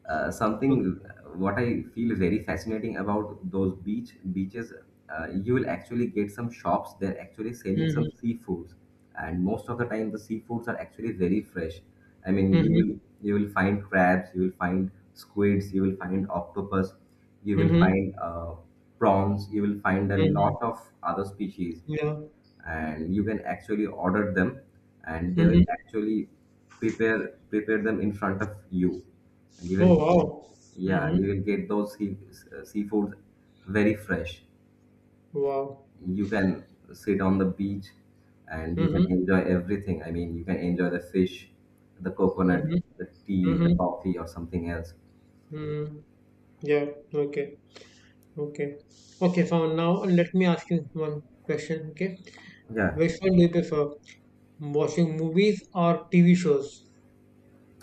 [SPEAKER 2] Mm-hmm.
[SPEAKER 1] something what I feel very fascinating about those beaches, you will actually get some shops. They're actually selling some
[SPEAKER 2] Mm-hmm.
[SPEAKER 1] seafoods, and most of the time, the seafoods are actually very fresh. I mean, you will find crabs, you will find squids, you will find octopus, you will
[SPEAKER 2] Mm-hmm.
[SPEAKER 1] find prawns, you will find a
[SPEAKER 2] Mm-hmm.
[SPEAKER 1] lot of other species,
[SPEAKER 2] Yeah.
[SPEAKER 1] and you can actually order them, and they will
[SPEAKER 2] Mm-hmm.
[SPEAKER 1] actually prepare prepare them in front of you, and you will,
[SPEAKER 2] Oh, wow.
[SPEAKER 1] yeah,
[SPEAKER 2] Mm-hmm.
[SPEAKER 1] you will get those seafood very fresh.
[SPEAKER 2] Wow.
[SPEAKER 1] You can sit on the beach, and you can
[SPEAKER 2] Mm-hmm.
[SPEAKER 1] enjoy everything. I mean, you can enjoy the fish, the coconut,
[SPEAKER 2] Mm-hmm.
[SPEAKER 1] the tea, the
[SPEAKER 2] Mm-hmm.
[SPEAKER 1] coffee, or something else.
[SPEAKER 2] Mm-hmm. Yeah. Okay. Okay. Okay. So now let me ask you one question. Okay.
[SPEAKER 1] Yeah.
[SPEAKER 2] Which one do you prefer? Watching movies or TV shows?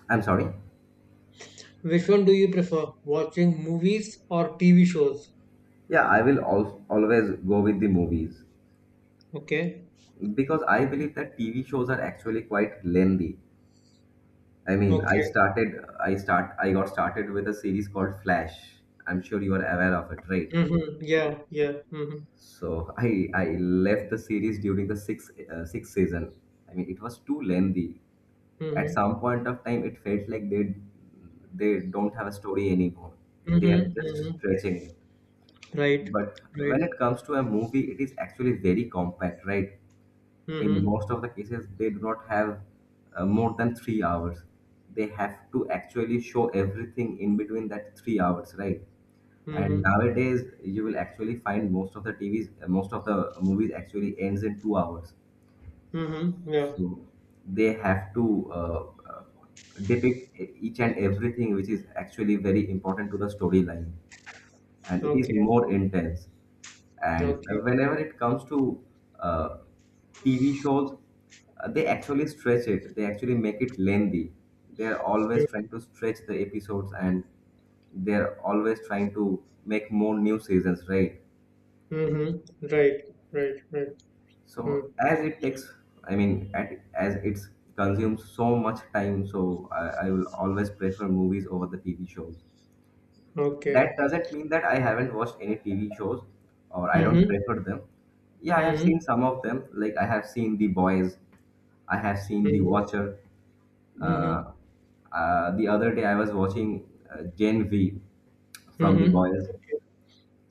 [SPEAKER 1] I'm sorry.
[SPEAKER 2] Which one do you prefer? Watching movies or TV shows?
[SPEAKER 1] Yeah, I will always go with the movies,
[SPEAKER 2] Okay.
[SPEAKER 1] because I believe that TV shows are actually quite lengthy. I mean, I
[SPEAKER 2] Okay.
[SPEAKER 1] started, I got started with a series called Flash. I'm sure you are aware of it, right?
[SPEAKER 2] Mhm. Yeah, yeah. Mhm.
[SPEAKER 1] So I left the series during the sixth, sixth season. I mean, it was too lengthy. At
[SPEAKER 2] Mhm.
[SPEAKER 1] some point of time, it felt like they don't have a story anymore. They are
[SPEAKER 2] Mhm.
[SPEAKER 1] just
[SPEAKER 2] Mhm.
[SPEAKER 1] stretching it.
[SPEAKER 2] Right.
[SPEAKER 1] But when
[SPEAKER 2] Right.
[SPEAKER 1] it comes to a movie, it is actually very compact, right? In
[SPEAKER 2] Mhm.
[SPEAKER 1] most of the cases they do not have more than 3 hours. They have to actually show everything in between that 3 hours, right? And
[SPEAKER 2] Mhm.
[SPEAKER 1] nowadays you will actually find most of the tvs, most of the movies actually ends in 2 hours.
[SPEAKER 2] Mhm. Yeah.
[SPEAKER 1] So they have to depict each and everything which is actually very important to the storyline, and it is
[SPEAKER 2] Okay.
[SPEAKER 1] more intense. And
[SPEAKER 2] Okay.
[SPEAKER 1] whenever it comes to uh, TV shows, they actually stretch it. They actually make it lengthy. They are
[SPEAKER 2] Mm.
[SPEAKER 1] always trying to stretch the episodes, and they are always trying to make more new seasons, right?
[SPEAKER 2] Mhm. Right. Right. Right. Mm.
[SPEAKER 1] So as it takes, I mean, at, as it consumes so much time, so I will always prefer movies over the TV shows.
[SPEAKER 2] Okay.
[SPEAKER 1] That doesn't mean that I haven't watched any TV shows or I don't
[SPEAKER 2] Mhm.
[SPEAKER 1] prefer them. Yeah, I have seen
[SPEAKER 2] Mhm.
[SPEAKER 1] some of them. Like I have seen The Boys, I have seen The
[SPEAKER 2] Mhm.
[SPEAKER 1] Watcher.
[SPEAKER 2] Mhm.
[SPEAKER 1] Uh, the other day I was watching Gen V from The
[SPEAKER 2] Mhm.
[SPEAKER 1] Boys,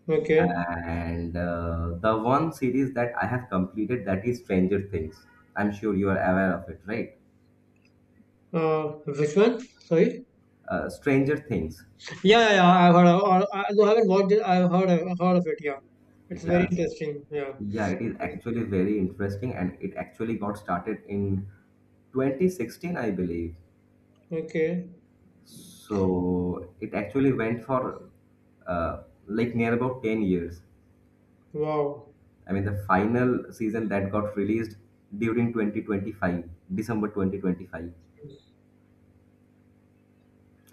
[SPEAKER 2] Okay.
[SPEAKER 1] and the one series that I have completed, that is Stranger Things. I'm sure you are aware of it, right?
[SPEAKER 2] Uh, which one? Sorry.
[SPEAKER 1] Stranger Things.
[SPEAKER 2] Yeah, yeah, yeah. I've heard of. Or- I, no, I haven't watched it. I've heard of, it. Yeah, it's very
[SPEAKER 1] Yes.
[SPEAKER 2] interesting. Yeah.
[SPEAKER 1] Yeah, it is
[SPEAKER 2] Mm.
[SPEAKER 1] actually very interesting, and it actually got started in 2016, I believe.
[SPEAKER 2] Okay.
[SPEAKER 1] So it actually went for like near about 10 years.
[SPEAKER 2] Wow.
[SPEAKER 1] I mean, the final season that got released during 2025, December 2025,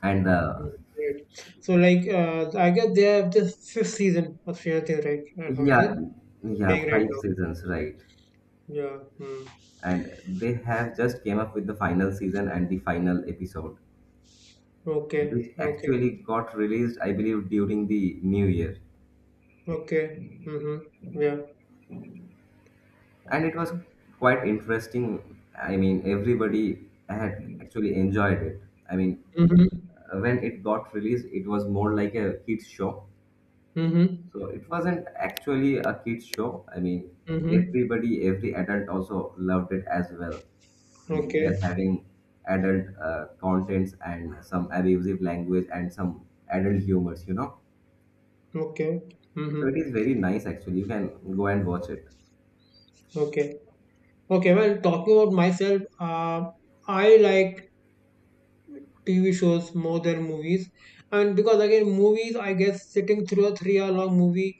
[SPEAKER 1] and
[SPEAKER 2] Mhm. Great. So, like, I guess they have the fifth season of Stranger Things, right? At Horizon,
[SPEAKER 1] yeah,
[SPEAKER 2] they're
[SPEAKER 1] yeah,
[SPEAKER 2] playing right
[SPEAKER 1] five
[SPEAKER 2] now.
[SPEAKER 1] seasons,
[SPEAKER 2] Mhm.
[SPEAKER 1] right?
[SPEAKER 2] Yeah. Mm.
[SPEAKER 1] And they have just came up with the final season and the final episode,
[SPEAKER 2] Okay.
[SPEAKER 1] which
[SPEAKER 2] Okay.
[SPEAKER 1] actually got released, I believe, during the new year.
[SPEAKER 2] Okay. Mm-hmm. Yeah.
[SPEAKER 1] And it was quite interesting. I mean, everybody had actually enjoyed it. I mean,
[SPEAKER 2] Mm-hmm.
[SPEAKER 1] when it got released, it was more like a kids show.
[SPEAKER 2] Mm-hmm.
[SPEAKER 1] So it wasn't actually a kids show. I mean,
[SPEAKER 2] Mm-hmm.
[SPEAKER 1] everybody, every adult also loved it as well. I mean,
[SPEAKER 2] Okay.
[SPEAKER 1] they're having adult contents and some abusive language and some adult humors, you know.
[SPEAKER 2] Okay.
[SPEAKER 1] So it
[SPEAKER 2] Mm-hmm.
[SPEAKER 1] is very nice actually. You can go and watch it.
[SPEAKER 2] Okay. Okay. Well, talking about myself, I like TV shows more than movies, and because again, movies, I guess, sitting through a 3-hour long movie.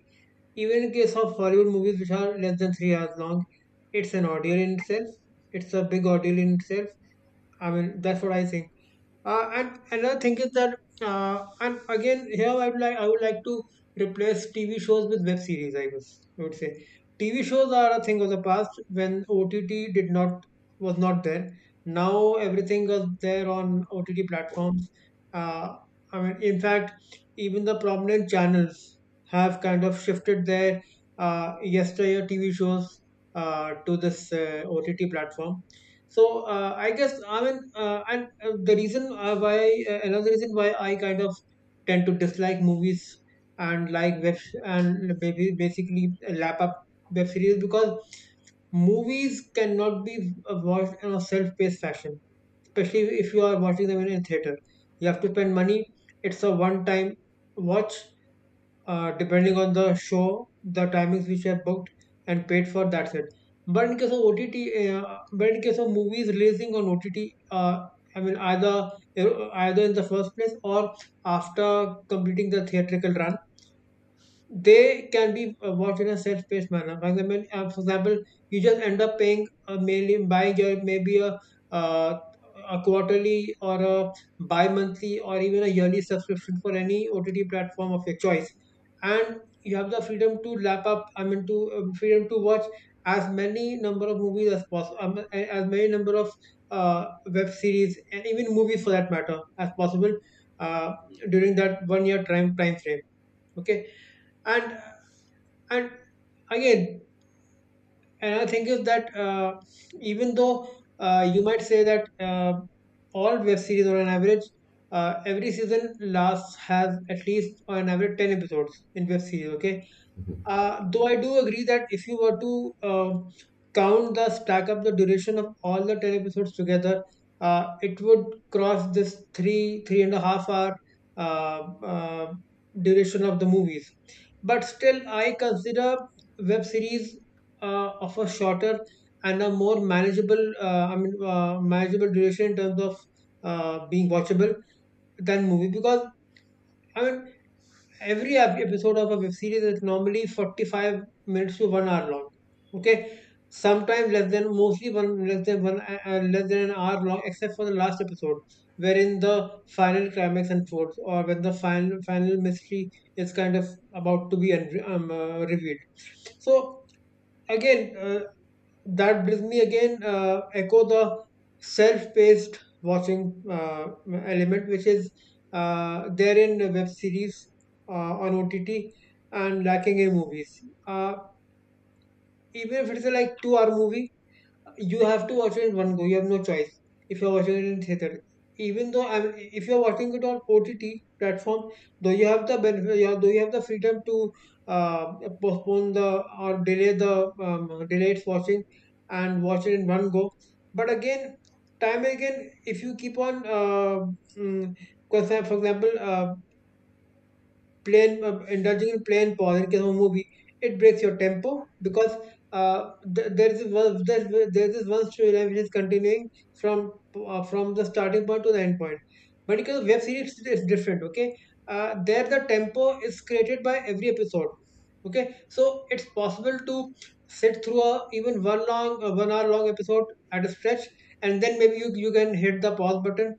[SPEAKER 2] Even in case of Hollywood movies which are less than 3 hours long, it's an ordeal in itself. It's a big ordeal in itself. I mean, that's what I think. And another thing is that, and again, here I would like to replace TV shows with web series. I would say TV shows are a thing of the past when OTT did not, was not there. Now everything is there on OTT platforms. Uh, I mean, in fact, even the prominent channels have kind of shifted their yesteryear TV shows to this OTT platform. So I guess I mean, and the reason why another reason why I kind of tend to dislike movies and like web and maybe basically lap up web series because movies cannot be watched in a self-paced fashion, especially if you are watching them in a theater. You have to spend money. It's a one-time watch, depending on the show, the timings which are booked and paid for, that's it. But in case of movies releasing on OTT, I mean either either in the first place or after completing the theatrical run, they can be worked in a self-paced manner. For example, you just end up paying mainly buying your maybe uh, a quarterly or a bi-monthly or even a yearly subscription for any OTT platform of your choice, and you have the freedom to lap up. I mean, to Freedom to watch as many number of movies as possible, as many number of web series and even movies for that matter as possible uh, during that 1 year time frame. Okay, and and again, another thing is that even though you might say that all web series on an average, every season lasts has at least on average 10 episodes in web series, okay? Though I do agree that if you were to count the stack up the duration of all the 10 episodes together, it would cross this three and a half hour uh, uh, duration of the movies. But still, I consider web series of a shorter and a more manageable, manageable duration in terms of being watchable than movie. I mean, every episode of a web series is normally 45 minutes to 1 hour long, okay, sometimes less than one less than an hour long, except for the last episode, wherein the final climax unfolds or when the final mystery is kind of about to be revealed. So again that brings me again echo the self-paced watching element, which is there in the web series on OTT and lacking in movies. uh, Even if it's a, like, 2 hour movie, you have to watch it in one go. You have no choice if you're watching it in theater. If you're watching it on OTT platform, though you have the freedom to uh, postpone the or delay the delay its watching and watch it in one go. But again, if you keep on, mm, for for example, plain indulging in plain pause in case of a movie, it breaks your tempo, because uh, th- there is one there there's one storyline which is continuing from from the starting point to the end point. But in case of web series it's different, okay. There the tempo is created by every episode, okay, so it's possible to sit through a even one long 1 hour long episode at a stretch, and then maybe you can hit the pause button,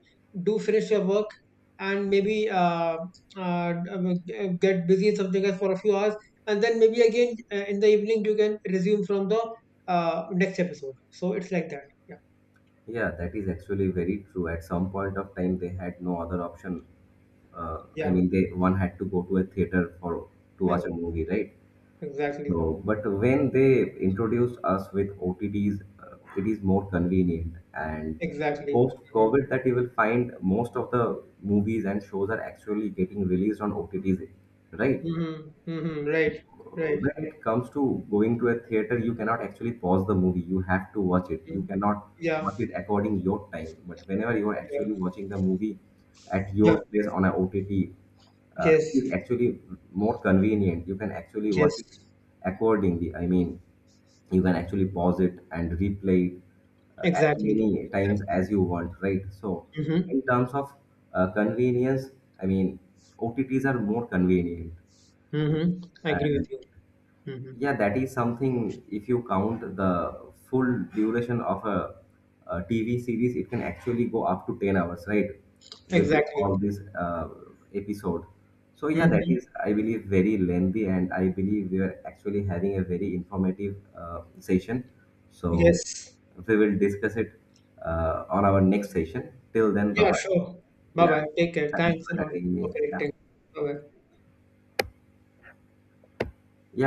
[SPEAKER 2] do finish your work, and maybe get busy in something else for a few hours, and then maybe again in the evening you can resume from the next episode. So it's like that. Yeah.
[SPEAKER 1] Yeah, that is actually very true. At some point of time, they had no other option. I
[SPEAKER 2] Yeah.
[SPEAKER 1] mean, they, one had to go to a theater for to watch a
[SPEAKER 2] Ex-
[SPEAKER 1] movie, right?
[SPEAKER 2] Exactly.
[SPEAKER 1] So, but when they introduced us with OTTs, it is more convenient. And
[SPEAKER 2] Exactly. Mm-hmm.
[SPEAKER 1] post-COVID, that you will find most of the movies and shows are actually getting released on OTTs, right?
[SPEAKER 2] Mm-hmm. Mm-hmm. Right. Right.
[SPEAKER 1] When it comes to going to a theater, you cannot actually pause the movie. You have to watch it. You
[SPEAKER 2] Mhm.
[SPEAKER 1] cannot
[SPEAKER 2] Yeah.
[SPEAKER 1] watch it according your time. But whenever you are
[SPEAKER 2] Yeah.
[SPEAKER 1] actually watching the movie at
[SPEAKER 2] Yeah.
[SPEAKER 1] your place on a OTT, it is
[SPEAKER 2] Yes.
[SPEAKER 1] actually more convenient. You can actually watch
[SPEAKER 2] Yes.
[SPEAKER 1] it accordingly. I mean, you can actually pause it and replay it as
[SPEAKER 2] Exactly. Exactly.
[SPEAKER 1] many times as you want, right? So,
[SPEAKER 2] Mm-hmm.
[SPEAKER 1] in terms of convenience, I mean, OTTs are more convenient.
[SPEAKER 2] Mm-hmm. I agree with you. Mm-hmm.
[SPEAKER 1] Yeah, that is something. If you count the full duration of a TV series, it can actually go up to 10 hours, right? With the
[SPEAKER 2] Exactly.
[SPEAKER 1] all this episode. So, yeah, that
[SPEAKER 2] Mm-hmm.
[SPEAKER 1] is, I believe, very lengthy, and I believe we are actually having a very informative session. So,
[SPEAKER 2] Yes.
[SPEAKER 1] we will discuss it on our next session. Till then, bye
[SPEAKER 2] Yeah.
[SPEAKER 1] bye.
[SPEAKER 2] Sure. Bye
[SPEAKER 1] Yeah,
[SPEAKER 2] bye. Take care.
[SPEAKER 1] thanks
[SPEAKER 2] Thanks a
[SPEAKER 1] for
[SPEAKER 2] lot
[SPEAKER 1] having
[SPEAKER 2] for
[SPEAKER 1] me. Yeah.
[SPEAKER 2] connecting. Bye bye.
[SPEAKER 1] Yeah,